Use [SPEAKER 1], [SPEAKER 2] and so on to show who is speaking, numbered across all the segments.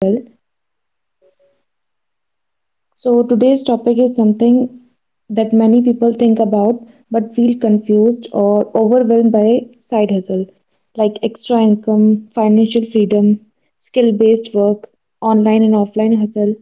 [SPEAKER 1] Well. So today's topic is something that many people think about but feel confused or overwhelmed by. Side hustle, like extra income, financial freedom, skill based work, online and offline hustle.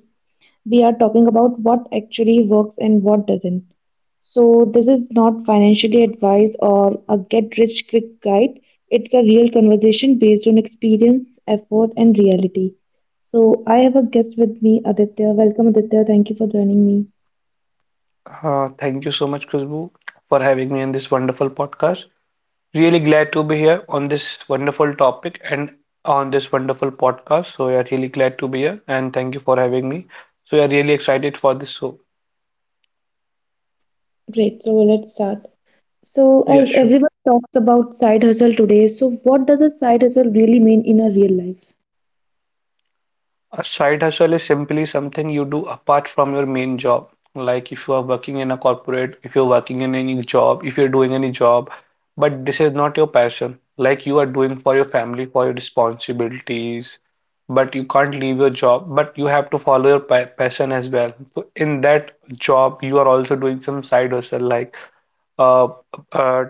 [SPEAKER 1] We are talking about what actually works and what doesn't. So this is not financially advice or a get rich quick guide. It's a real conversation based on experience, effort, and reality. So I have a guest with me, Aditya. Welcome, Aditya. Thank you for joining me.
[SPEAKER 2] Thank you so much, Khushbu, for having me on this wonderful podcast. Really glad to be here on this wonderful topic and on this wonderful podcast. So, yeah, really glad to be here and thank you for having me. So, yeah, really excited for this. So,
[SPEAKER 1] Great. So let's start. So
[SPEAKER 2] yeah,
[SPEAKER 1] as
[SPEAKER 2] sure.
[SPEAKER 1] everyone talks about side hustle today, so what does a side hustle really mean in a real life?
[SPEAKER 2] A side hustle is simply something you do apart from your main job. Like if you are working in a corporate, if you're working in any job, if you're doing any job, but this is not your passion. Like you are doing for your family, for your responsibilities, but you can't leave your job, but you have to follow your pa passion as well. So in that job, you are also doing some side hustle like uh, uh,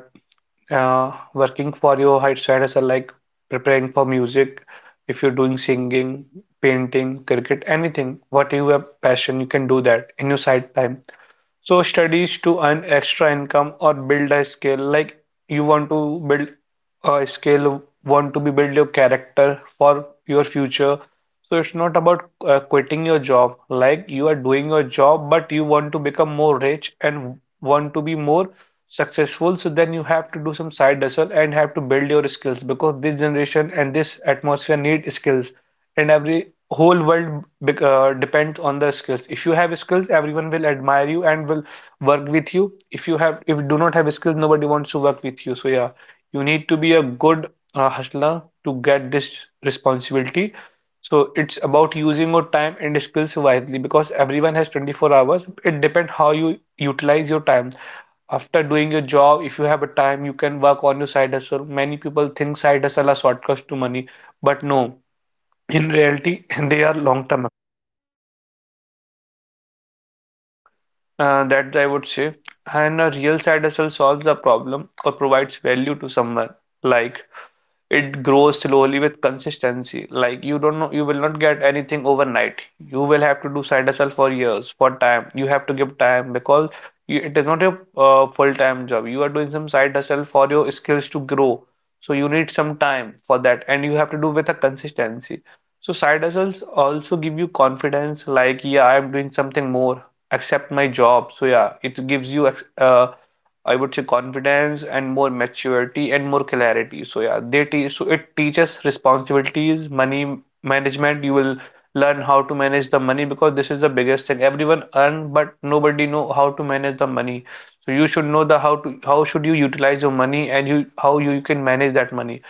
[SPEAKER 2] working for your side hustle, like preparing for music, if you're doing singing, painting, cricket, anything what you have passion, you can do that in your side time, so studies to earn extra income or build a skill, like you want to build a skill, want to be build your character for your future. So it's not about quitting your job. Like you are doing your job, but you want to become more rich and want to be more successful. So then you have to do some side hustle and have to build your skills because this generation and this atmosphere need skills. And every whole world depends on the skills. If you have skills, everyone will admire you and will work with you. If you have if you do not have skills, nobody wants to work with you. So yeah, you need to be a good hustler to get this responsibility. So it's about using your time and skills wisely, because everyone has 24 hours. It depends how you utilize your time after doing your job. If you have a time, you can work on your side hustle. Many people think side hustle are shortcuts to money, but no, in reality, they are long-term, that I would say, and a real side hustle solves a problem or provides value to someone, like it grows slowly with consistency. Like you don't know, you will not get anything overnight. You will have to do side hustle for years, for time. You have to give time because it is not your full-time job. You are doing some side hustle for your skills to grow. So you need some time for that, and you have to do with a consistency. So side hustles also give you confidence, like yeah, I'm doing something more except my job. So yeah, it gives you I would say confidence and more maturity and more clarity. So yeah, they teach. So it teaches responsibilities, money management. You will learn how to manage the money, because this is the biggest thing. Everyone earn, but nobody know how to manage the money. So you should know the how to how should you utilize your money, and you how you can manage that money.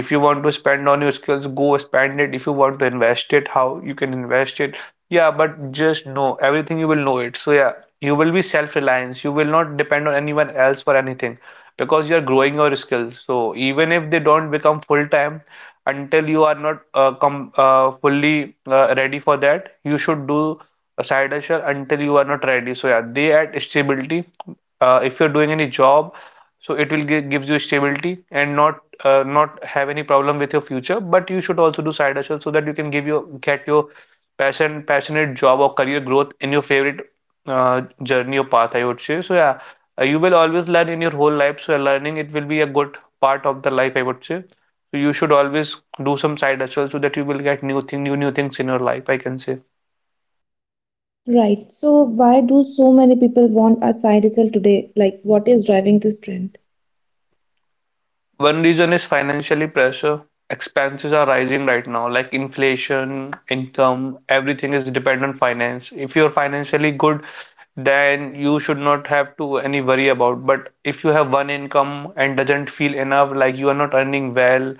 [SPEAKER 2] If you want to spend on your skills, go spend it. If you want to invest it, how you can invest it. Yeah, but just know everything, you will know it. So yeah, you will be self-reliant. You will not depend on anyone else for anything, because you are growing your skills. So even if they don't become full-time, until you are not com fully ready for that, you should do a side hustle until you are not ready. So yeah, they add stability. If you're doing any job, so it will gives you stability and not have any problem with your future, but you should also do side hustle so that you can give your get your passionate job or career growth in your favorite uh, journey or path, I would say. So yeah, you will always learn in your whole life. So yeah, learning it will be a good part of the life, I would say. So you should always do some side hustle so that you will get new things in your life, I can say.
[SPEAKER 1] Right. So why do so many people want a side hustle today? Like, what is driving this trend?
[SPEAKER 2] One reason is financially pressure. Expenses are rising right now, like inflation, income, everything is dependent on finance. If you're financially good, then you should not have to any worry about. But if you have one income and doesn't feel enough, like you are not earning well,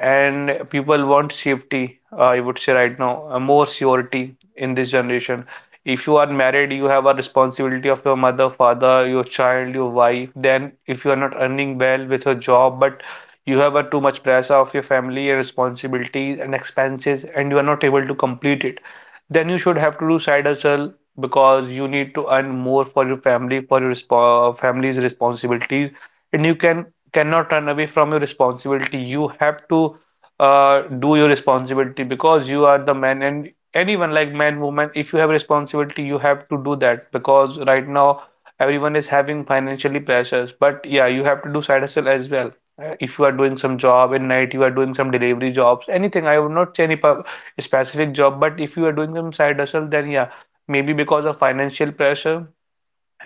[SPEAKER 2] and people want safety, I would say right now, more surety in this generation. If you are married, you have a responsibility of your mother, father, your child, your wife. Then if you are not earning well with your job, but you have a too much pressure of your family and responsibilities and expenses, and you are not able to complete it, then you should have to do side hustle, because you need to earn more for your family, for your family's responsibilities, and you cannot run away from your responsibility. You have to do your responsibility because you are the man, and anyone like man, woman, if you have responsibility, you have to do that, because right now everyone is having financially pressures. But yeah, you have to do side hustle as well. If you are doing some job at night, you are doing some delivery jobs, anything. I would not say any specific job, but if you are doing some side hustle, then yeah, maybe because of financial pressure.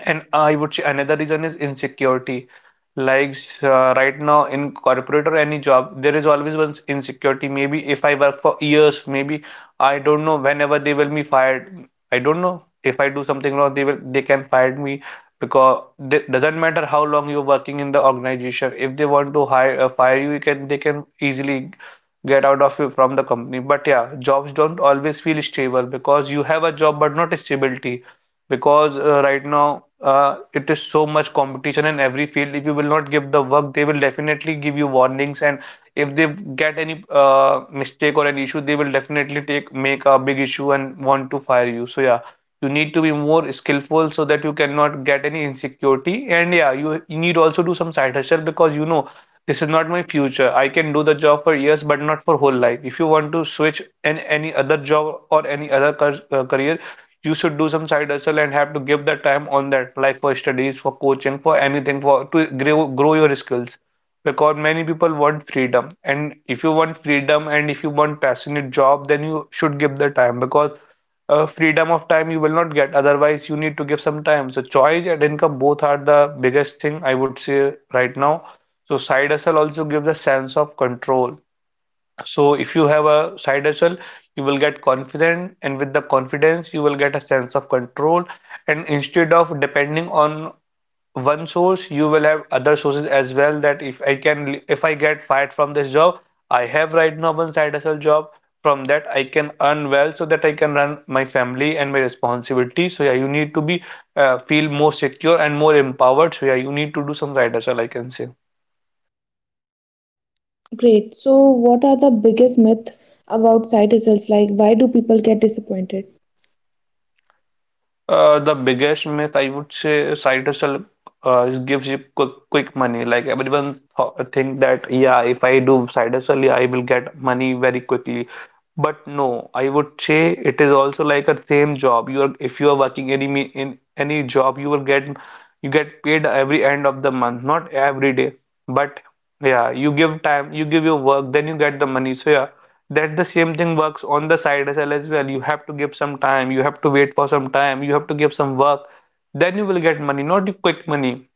[SPEAKER 2] And I would say another reason is insecurity. Like right now in corporate or any job, there is always one insecurity. Maybe if I work for years, maybe I don't know whenever they will be fired. I don't know, if I do something wrong, they can fire me, because it doesn't matter how long you're working in the organization. If they want to hire fire you, you can they can easily get out of you from the company. But yeah, jobs don't always feel stable because you have a job but not stability, because right now it is so much competition in every field. If you will not give the work, they will definitely give you warnings, and if they get any mistake or an issue, they will definitely take make a big issue and want to fire you. So yeah, you need to be more skillful so that you cannot get any insecurity. And yeah, you need also do some side hustle because you know this is not my future. I can do the job for years, but not for whole life. If you want to switch in any other job or any other career, you should do some side hustle and have to give the time on that, like for studies, for coaching, for anything, for to grow your skills. Because many people want freedom, and if you want freedom and if you want passionate job, then you should give the time, because freedom of time you will not get. Otherwise, you need to give some time. So choice and income both are the biggest thing, I would say right now. So side hustle also gives a sense of control. So if you have a side hustle, you will get confident, and with the confidence, you will get a sense of control. And instead of depending on one source, you will have other sources as well. That if I get fired from this job, I have right now one side hustle job. From that, I can earn well so that I can run my family and my responsibility. So yeah, you need to be feel more secure and more empowered. So yeah, you need to do some side hustle, I can say.
[SPEAKER 1] Great. So what are the biggest myths about side hustles? Like, why do people get disappointed?
[SPEAKER 2] The biggest myth, I would say, side hustle is gives you quick money. Like everyone th think that yeah, if I do side hustle, yeah, I will get money very quickly. But no, I would say it is also like a same job. You are If you are working any in any job, you will get you get paid every end of the month, not every day. But yeah, you give time, you give your work, then you get the money. So yeah, that the same thing works on the side hustle as well. You have to give some time, you have to wait for some time, you have to give some work, then you will get money, not the quick money.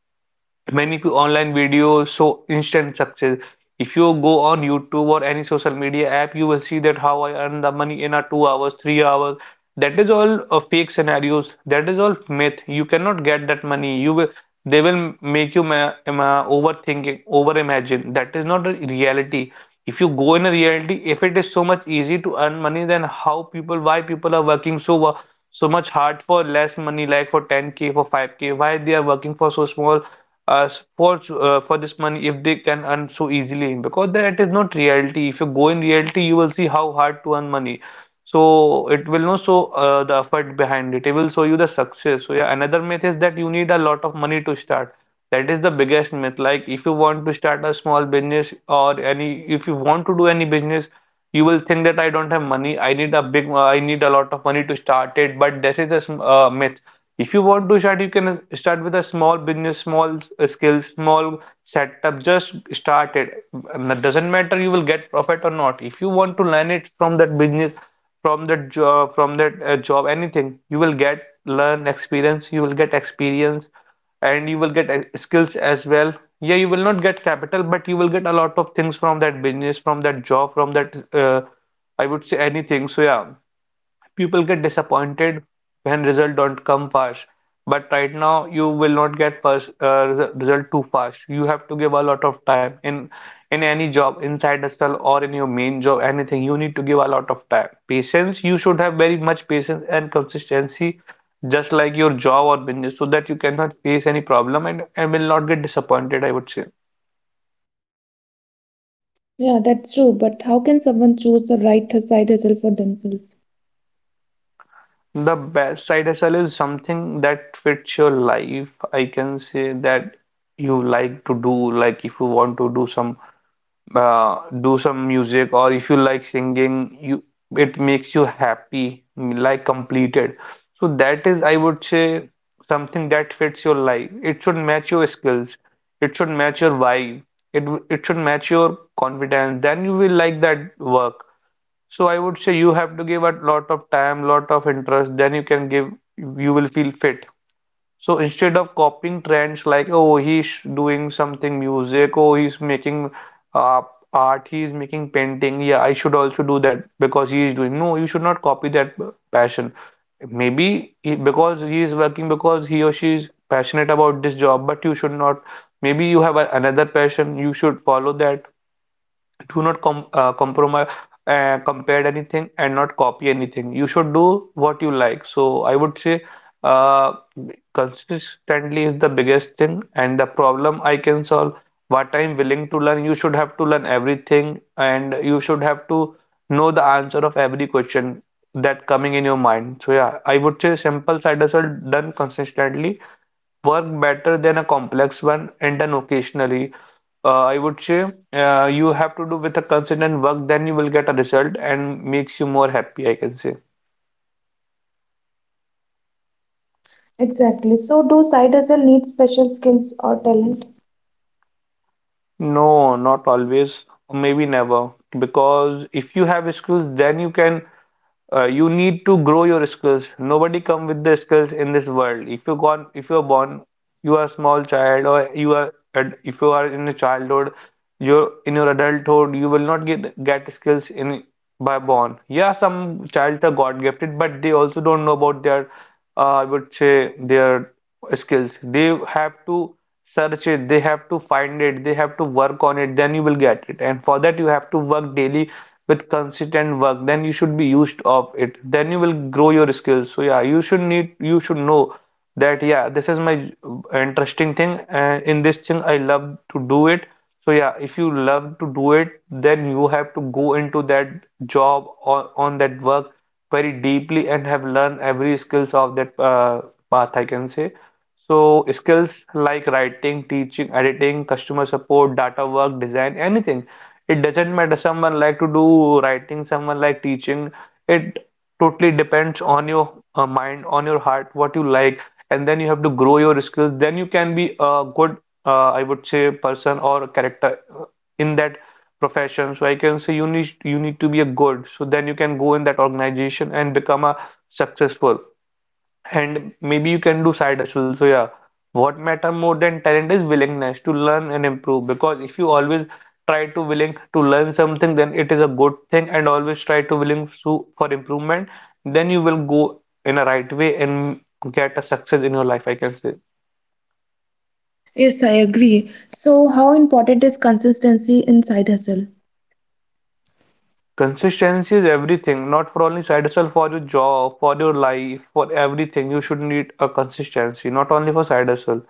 [SPEAKER 2] Online videos show instant success. If you go on YouTube or any social media app, you will see that how I earn the money in a 2 hours, 3 hours. That is all fake scenarios, that is all myth. You cannot get that money. You will, they will make you overthinking, over imagine. That is not a reality. If you go in a reality, if it is so much easy to earn money, then how people, why people are working so much hard for less money, like for 10k, for 5k? Why they are working for so small, uh, for this money, if they can earn so easily? Because that is not reality. If you go in reality, you will see how hard to earn money. So it will not show the effort behind it, it will show you the success. So yeah, another myth is that you need a lot of money to start. That is the biggest myth. Like if you want to start a small business or any, if you want to do any business, you will think that I don't have money. I need a big, I need a lot of money to start it. But that is a myth. If you want to start, you can start with a small business, small skills, small setup. Just start it. And that doesn't matter you will get profit or not. If you want to learn it from that business, from that job, from that job, anything, you will get learn experience, you will get experience and you will get skills as well. Yeah, you will not get capital, but you will get a lot of things from that business, from that job, from that I would say anything. So yeah, people get disappointed when results don't come fast. But right now, you will not get first result too fast. You have to give a lot of time in any job, inside the stall or in your main job, anything. You need to give a lot of time. Patience. You should have very much patience and consistency, just like your job or business, so that you cannot face any problem and will not get disappointed, I would say.
[SPEAKER 1] Yeah, that's true. But how can someone choose the right side hustle for themselves?
[SPEAKER 2] The best side-hustle is something that fits your life. I can say that you like to do, like if you want to do some music, or if you like singing, you, it makes you happy, mm, like completed. So that is, I would say, something that fits your life. It should match your skills. It should match your vibe. It should match your confidence. Then you will like that work. So I would say you have to give a lot of time, lot of interest, then you can give, you will feel fit. So instead of copying trends like, oh, he's doing something music, oh, he's making uh, art, he's making painting, yeah, I should also do that because he is doing. No, you should not copy that passion. Maybe he, because he is working because he or she is passionate about this job, but you should not. Maybe you have a, another passion, you should follow that. Do not compromise, compare anything, and not copy anything. You should do what you like. So I would say, uh, consistently is the biggest thing and the problem I can solve, what I'm willing to learn. You should have to learn everything and you should have to know the answer of every question that coming in your mind. So yeah, I would say simple side hustle done consistently work better than a complex one and done occasionally. I would say, you have to do with a consistent work, then you will get a result and makes you more happy, I can say.
[SPEAKER 1] Exactly. So do side hustle need special skills or talent?
[SPEAKER 2] No, not always, or maybe never. Because if you have skills, then you can, you need to grow your skills. Nobody come with the skills in this world. If you gone, if you are born, you are a small child, or if you are in a childhood, you're in your adulthood, you will not get skills in by born. Yeah, some child are god gifted, but they also don't know about their I would say their skills. They have to search it, they have to find it, they have to work on it, then you will get it. And for that you have to work daily with consistent work, then you should be used of it, then you will grow your skills. So yeah, you should need, you should know that yeah, this is my interesting thing, and in this thing I love to do it. So yeah, if you love to do it, then you have to go into that job or on that work very deeply and have learned every skills of that path, I can say. So skills like writing, teaching, editing, customer support, data work, design, anything. It doesn't matter, someone like to do writing, someone like teaching. It totally depends on your mind, on your heart, what you like, and then you have to grow your skills. Then you can be a good, I would say, person or a character in that profession. So I can say you need to be a good. So then you can go in that organization and become a successful. And maybe you can do side hustle. So yeah, what matter more than talent is willingness to learn and improve. Because if you always try to willing to learn something, then it is a good thing. And always try to willing to for improvement, then you will go in a right way and get a success in your life, I can say.
[SPEAKER 1] Yes, I agree. So how important is consistency in side hustle?
[SPEAKER 2] Consistency is everything. Not for only side hustle, for your job, for your life, for everything. You should need a consistency, not only for side hustle.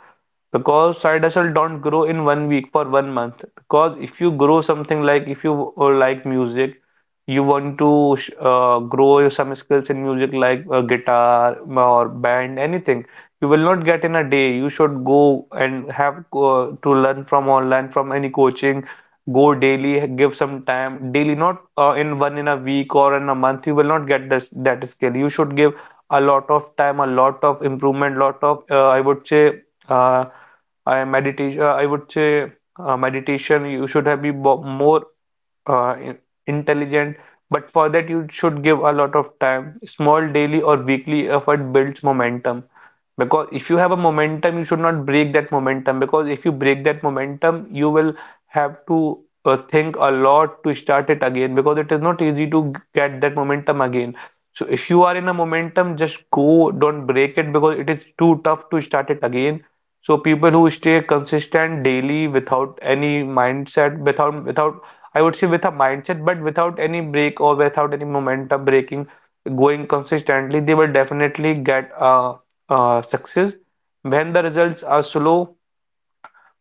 [SPEAKER 2] Because side hustle don't grow in one week for one month. Because if you grow something, like if you like music, you want to grow some skills in music like guitar or band, anything. You will not get in a day. You should go and have to learn from online, from any coaching. Go daily, give some time daily, not in one, in a week or in a month. You will not get this, that skill. You should give a lot of time, a lot of improvement, lot of I would say uh, I meditation. I would say meditation. You should have more uh, in- intelligent, but for that you should give a lot of time. Small daily or weekly effort builds momentum. Because if you have a momentum, you should not break that momentum. Because if you break that momentum, you will have to think a lot to start it again. Because it is not easy to get that momentum again. So if you are in a momentum, just go, don't break it because it is too tough to start it again. So people who stay consistent daily without any mindset, without I would say with a mindset, but without any break or without any momentum breaking, going consistently, they will definitely get a success. When the results are slow,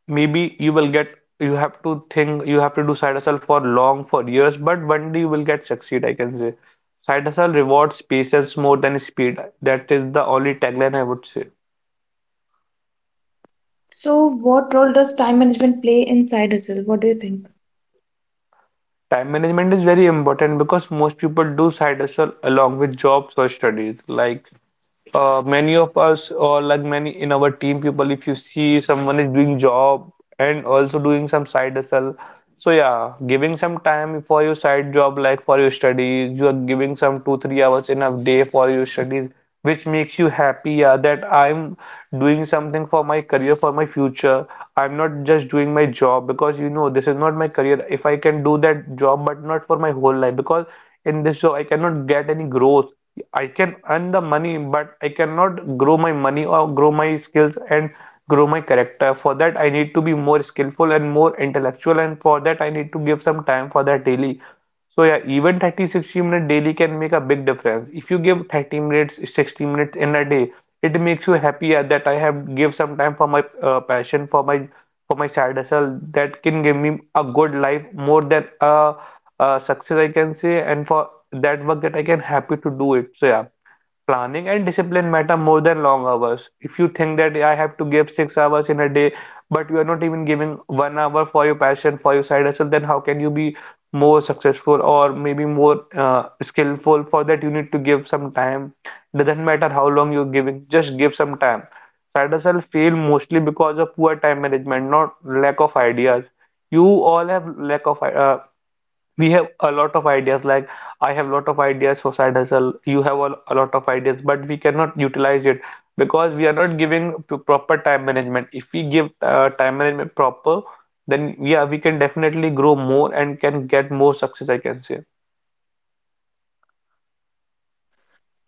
[SPEAKER 2] maybe you will get, you have to think, you have to do side hustle for long, for years, but one day you will get succeed, I can say. Side hustle rewards patience more than speed. That is the only tagline, I would say.
[SPEAKER 1] So what role does time management play in side hustle? What do you think?
[SPEAKER 2] Time management is very important because most people do side hustle along with jobs or studies. Like many of us, or like many in our team people, if you see someone is doing job and also doing some side hustle. So yeah, giving some time for your side job, like for your studies, you are giving some 2 3 hours in a day for your studies, which makes you happy. Yeah, that I'm doing something for my career, for my future. I'm not just doing my job because you know this is not my career. If I can do that job, but not for my whole life, because in this job I cannot get any growth. I can earn the money, but I cannot grow my money or grow my skills and grow my character. For that, I need to be more skillful and more intellectual, and for that, I need to give some time for that daily. So, yeah, even 30 60 minutes daily can make a big difference. If you give 30 minutes, 60 minutes in a day, it makes you happier that I have give some time for my passion, for my, for my side hustle that can give me a good life more than a success I can say, and for that work that I can happy to do it. So, yeah. Planning and discipline matter more than long hours. If you think that I have to give 6 hours in a day, but you are not even giving 1 hour for your passion, for your side hustle, then how can you be more successful or maybe more skillful? For that, you need to give some time. Doesn't matter how long you're giving, just give some time. Side hustle fail mostly because of poor time management, not lack of ideas. You all have lack of we have a lot of ideas. Like I have a lot of ideas for side hustle, you have a lot of ideas, but we cannot utilize it because we are not giving proper time management. If we give time management proper, then yeah, we can definitely grow more and can get more success, I can say.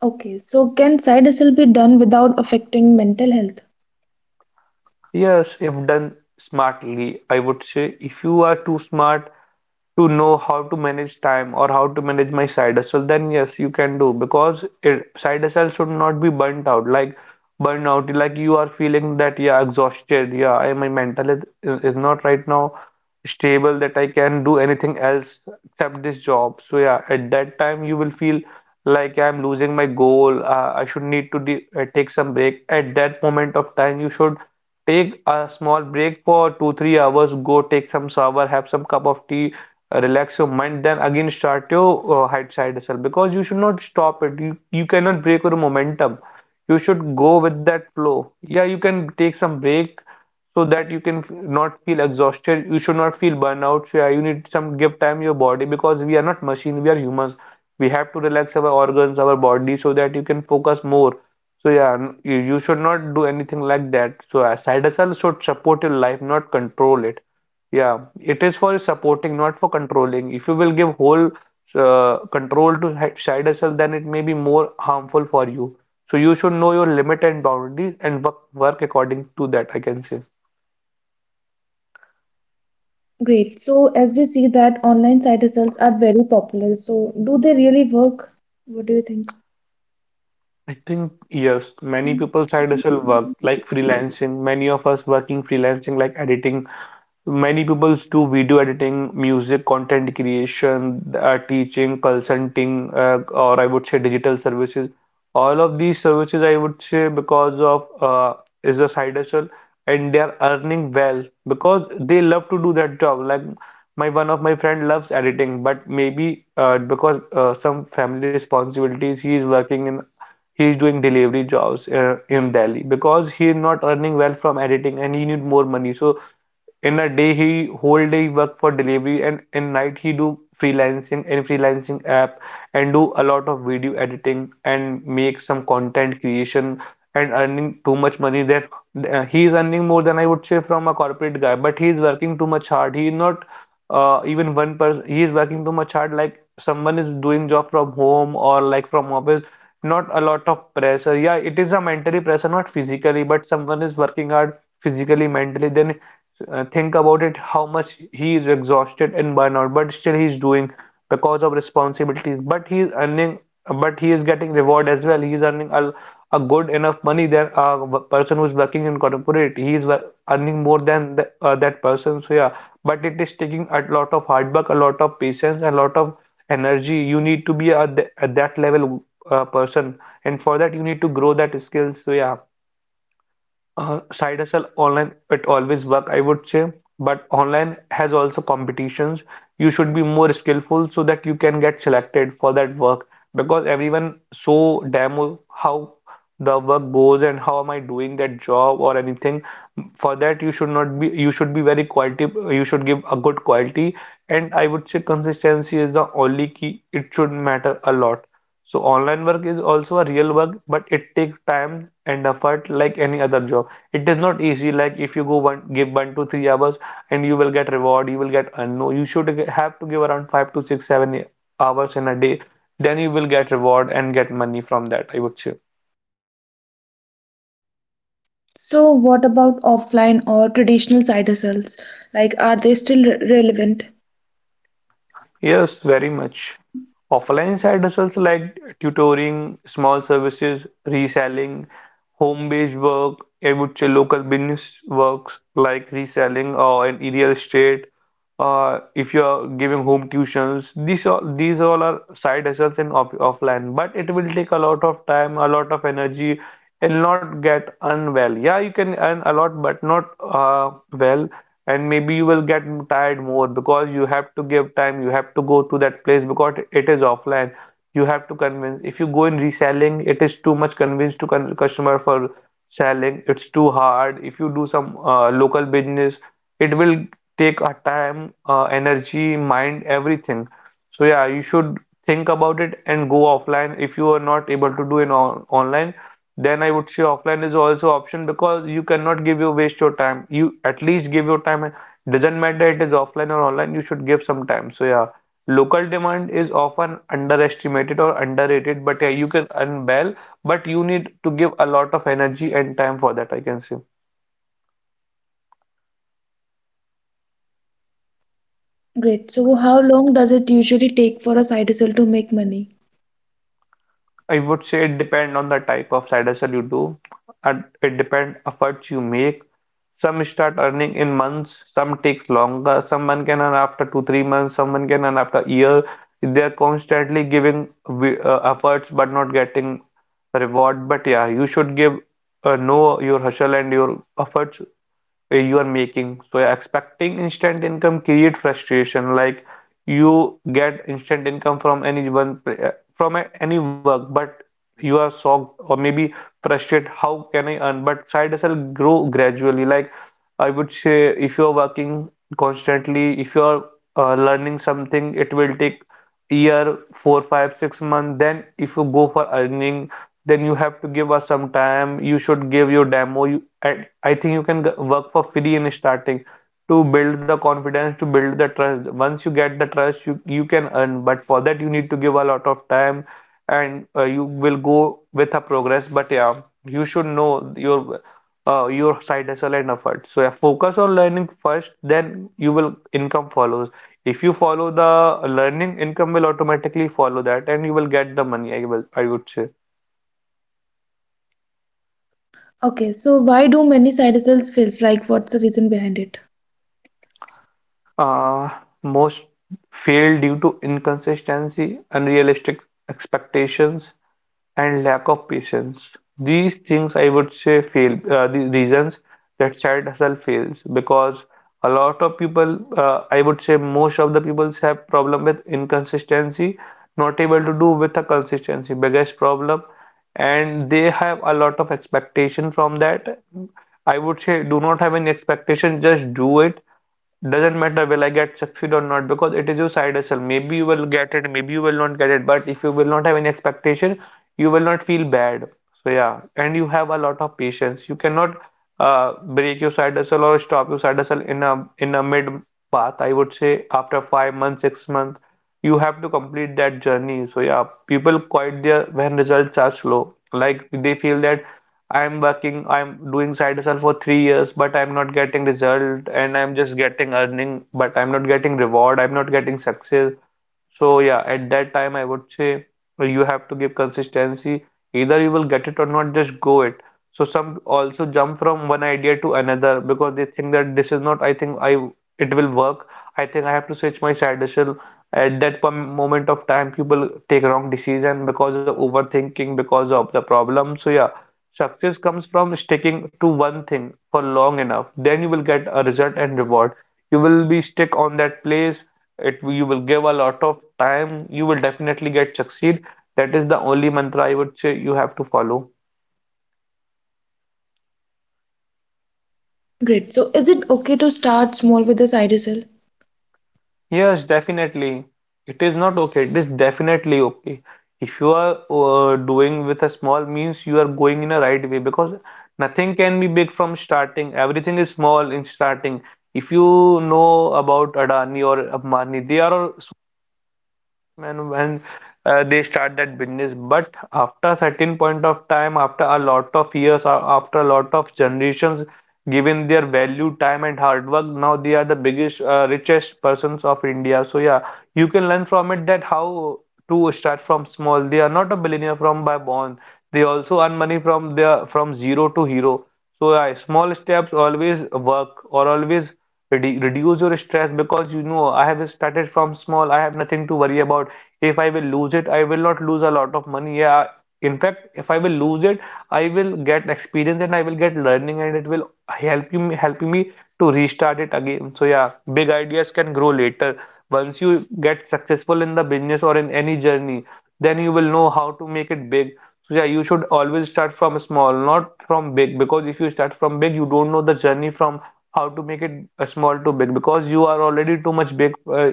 [SPEAKER 1] Okay, so can side hustle be done without affecting mental health?
[SPEAKER 2] Yes, if done smartly, I would say, if you are too smart to know how to manage time or how to manage my side hustle, then yes, you can do because side hustle should not be burnt out. Like burnout, like you are feeling that yeah, exhausted. Yeah, my mental is not right now stable that I can do anything else except this job. So yeah, at that time you will feel like I'm losing my goal. I should need to de take some break. At that moment of time, you should take a small break for 2, 3 hours. Go take some shower, have some cup of tea, relax your mind, then again start your hide side hustle because you should not stop it. You cannot break your momentum. You should go with that flow. Yeah, you can take some break so that you can not feel exhausted. You should not feel burnout. So yeah, you need some give time your body because we are not machine, we are humans. We have to relax our organs, our body, so that you can focus more. So yeah, you should not do anything like that. So a side hustle should support your life, not control it. Yeah, it is for supporting, not for controlling. If you will give whole control to side hustle, then it may be more harmful for you. So you should know your limit and boundaries and work according to that, I can say.
[SPEAKER 1] Great. So as we see that online side hustles are very popular. So do they really work? What do you think?
[SPEAKER 2] I think yes, many people side hustle work like freelancing, many of us working freelancing like editing. Many people do video editing, music content creation, teaching, consulting, or I would say digital services. All of these services, I would say, because of is a side hustle, and they are earning well because they love to do that job. Like my one of my friend loves editing, but maybe because some family responsibilities, he is doing delivery jobs in Delhi because he is not earning well from editing and he need more money. So in a day he whole day he work for delivery and in night he do freelancing in freelancing app, and do a lot of video editing and make some content creation, and earning too much money. That he is earning more than I would say from a corporate guy, but he is working too much hard. He is not even one person He is working too much hard, like someone is doing job from home or like from office, not a lot of pressure. Yeah, it is a mentally pressure, not physically, but someone is working hard physically mentally. Then think about it how much he is exhausted and burnout, but still he's doing because of responsibilities. But he's earning, but he is getting reward as well. He's earning a good enough money than person who's working in corporate. He is earning more than that person. So yeah, but it is taking a lot of hard work, a lot of patience, a lot of energy. You need to be at that level person. And for that you need to grow that skills. So yeah, side hustle online it always work, I would say, but online has also competitions. You should be more skillful so that you can get selected for that work because everyone so demo how the work goes and how am I doing that job or anything. For that, you should not be you should be very quality. You should give a good quality, and I would say consistency is the only key. It should matter a lot. So online work is also a real work, but it takes time and effort like any other job. It is not easy. Like if you go one give 1 to 3 hours and you will get reward, you will get no, you should have to give around 5 to 6 7 hours in a day, then you will get reward and get money from that, I would say.
[SPEAKER 1] So what about offline or traditional side hustles? Like, are they still relevant?
[SPEAKER 2] Yes, very much. Offline side hustles like tutoring, small services, reselling, home-based work, I would say local business works like reselling or in real estate. If you are giving home tuitions, these all are side hustles in offline, but it will take a lot of time, a lot of energy, and not get unwell. Yeah, you can earn a lot, but not well, and maybe you will get tired more because you have to give time. You have to go to that place because it is offline. You have to convince. If you go in reselling, it is too much convince to con customer for selling. It's too hard. If you do some local business, it will take a time, energy, mind, everything. So yeah, you should think about it and go offline if you are not able to do it on online. Then I would say offline is also option because you cannot give your waste your time. You at least give your time. Doesn't matter it is offline or online, you should give some time. So yeah, local demand is often underestimated or underrated, but yeah, you can earn well, but you need to give a lot of energy and time for that, I can say.
[SPEAKER 1] Great. So how long does it usually take for a side hustle to make money?
[SPEAKER 2] I would say it depend on the type of side hustle you do, and it depend efforts you make. Some start earning in months, some takes longer. Someone can earn after 2, 3 months. Someone can earn after a year. They're constantly giving efforts but not getting reward. But yeah, you should give know your hustle and your efforts you are making. So expecting instant income create frustration. Like you get instant income from anyone from any work, but you are shocked or maybe frustrated. How can I earn? But side hustle grow gradually. Like I would say, if you are working constantly, if you are learning something, it will take year, 4, 5, 6 months. Then if you go for earning then you have to give us some time. You should give your demo. I think you can work for free in starting to build the confidence, to build the trust. Once you get the trust, you can earn, but for that, you need to give a lot of time and you will go with a progress. But yeah, you should know your side hustle and effort. So yeah, focus on learning first, then you will income follows. If you follow the learning, income will automatically follow that, and you will get the money. I would say.
[SPEAKER 1] Okay, so why do many side hustles fail? Like, what's the reason behind it?
[SPEAKER 2] Uh, Most fail due to inconsistency, unrealistic expectations, and lack of patience. These things I would say fail, the reasons that child herself fails because a lot of people, I would say most of the peoples have problem with inconsistency, not able to do with a consistency, biggest problem, and they have a lot of expectation from that. I would say do not have any expectation, just do it. Doesn't matter will I get succeed or not because it is your side hustle. Maybe you will get it, maybe you will not get it, but if you will not have any expectation, you will not feel bad. So yeah, and you have a lot of patience. You cannot break your side hustle or stop your side hustle in a mid path. I would say after 5 months, 6 months, you have to complete that journey. So yeah, people quit there when results are slow. Like they feel that I'm working, I'm doing side hustle for 3 years, but I'm not getting result and I'm just getting earning, but I'm not getting reward, I'm not getting success. So yeah, at that time I would say you have to give consistency. Either you will get it or not, just go it. So some also jump from one idea to another because they think that this is not, I think I it will work. I think I have to switch my side hustle. At that moment of time, people take wrong decision because of overthinking, because of the problem. So yeah, success comes from sticking to one thing for long enough. Then you will get a result and reward, you will be stick on that place, it you will give a lot of time, you will definitely get succeed. That is the only mantra, I would say, you have to follow.
[SPEAKER 1] Great. So is it okay to start small with a side hustle?
[SPEAKER 2] Yes, definitely. It is not okay, it is definitely okay. If you are doing with a small means, you are going in a right way, because nothing can be big from starting, everything is small in starting. If you know about Adani or Ambani, they are when they start that business, but after certain point of time, after a lot of years or after a lot of generations, given their value, time and hard work, now they are the biggest richest persons of India. So yeah, you can learn from it that how to start from small. They are not a billionaire from by born, they also earn money from their from zero to hero. So yeah, small steps always work, or always reduce your stress, because you know I have started from small. I have nothing to worry about. If I will lose it, I will not lose a lot of money. Yeah, in fact, if I will lose it, I will get experience and I will get learning, and it will help you helping me to restart it again. So yeah, big ideas can grow later. Once you get successful in the business or in any journey, then you will know how to make it big. So yeah, you should always start from small, not from big, because if you start from big, you don't know the journey from how to make it small to big, because you are already too much big uh,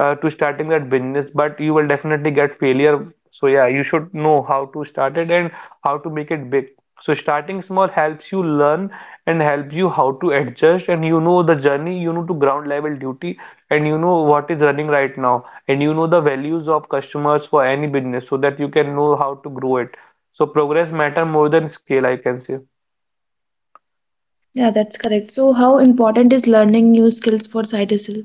[SPEAKER 2] uh, to starting that business, but you will definitely get failure. So yeah, you should know how to start it and how to make it big. So starting small helps you learn and helps you how to adjust, and you know the journey, you know to ground level duty, and you know what is running right now, and you know the values of customers for any business, so that you can know how to grow it. So progress matter more than scale, I can say.
[SPEAKER 1] Yeah, that's correct. So how important is learning new skills for side hustle?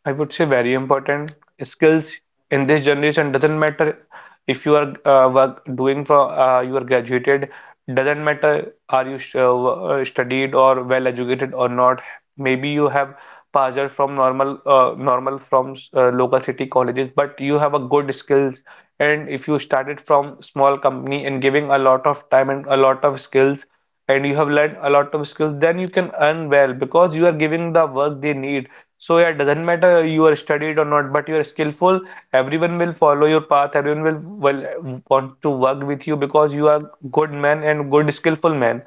[SPEAKER 2] I would say very important. Skills in this generation doesn't matter. If you are work doing for you are graduated, doesn't matter are you studied or well educated or not. Maybe you have passed out from normal from local city colleges, but you have a good skills. And if you started from small company and giving a lot of time and a lot of skills, and you have learned a lot of skills, then you can earn well, because you are giving the work they need. So yeah, it doesn't matter you are studied or not, but you are skillful. Everyone will follow your path. Everyone will want to work with you because you are good man and good skillful man.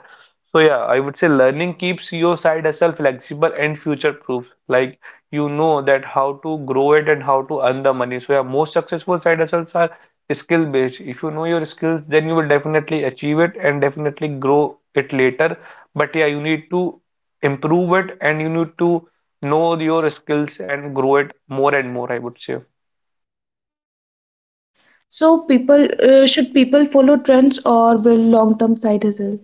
[SPEAKER 2] So yeah, I would say learning keeps your side hustle flexible and future proof. Like, you know that how to grow it and how to earn the money. So yeah, most successful side hustles are skill based. If you know your skills, then you will definitely achieve it and definitely grow it later. But yeah, you need to improve it, and you need to know your skills and grow it more and more, I would say.
[SPEAKER 1] So people, should people follow trends or will long-term side hustle?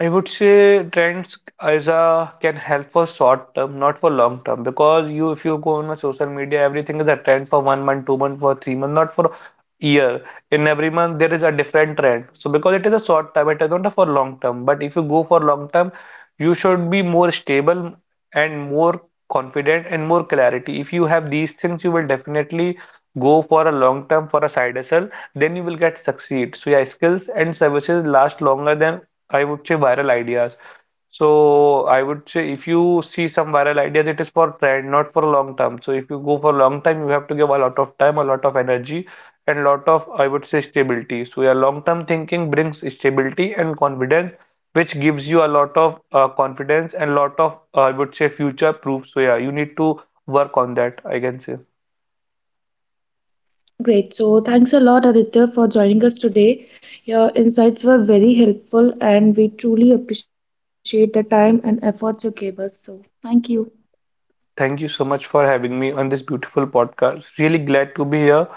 [SPEAKER 2] I would say trends as a can help for short term, not for long term. Because you, if you go on a social media, everything is a trend for 1 month, 2 month, for 3 month, not for year. In every month there is a different trend. So because it is a short term, it is not for long term. But if you go for long term, you should be more stable and more confident and more clarity. If you have these things, you will definitely go for a long term for a side hustle. Then you will get succeed. So yeah, skills and services last longer than, I would say, viral ideas. So I would say if you see some viral ideas, it is for trend, not for long term. So if you go for long time, you have to give a lot of time, a lot of energy, and lot of, I would say, stability. So your long-term thinking brings stability and confidence, which gives you a lot of confidence and lot of, I would say, future proof. So yeah, you need to work on that, I can say.
[SPEAKER 1] Great. So thanks a lot, Aditya, for joining us today. Your insights were very helpful, and we truly appreciate the time and effort you gave us. So thank you.
[SPEAKER 2] Thank you so much for having me on this beautiful podcast. Really glad to be here.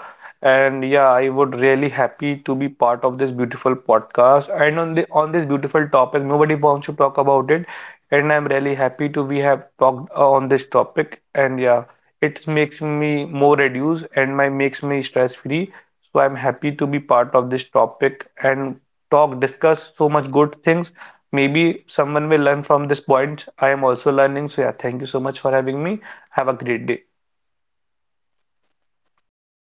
[SPEAKER 2] And yeah, I would really happy to be part of this beautiful podcast. And on this beautiful topic, nobody wants to talk about it. And I'm really happy to we have talked on this topic. And yeah, it makes me more reduced and my makes me stress free. So I'm happy to be part of this topic and talk, discuss so much good things. Maybe someone will learn from this point. I am also learning. So yeah, thank you so much for having me. Have a great day.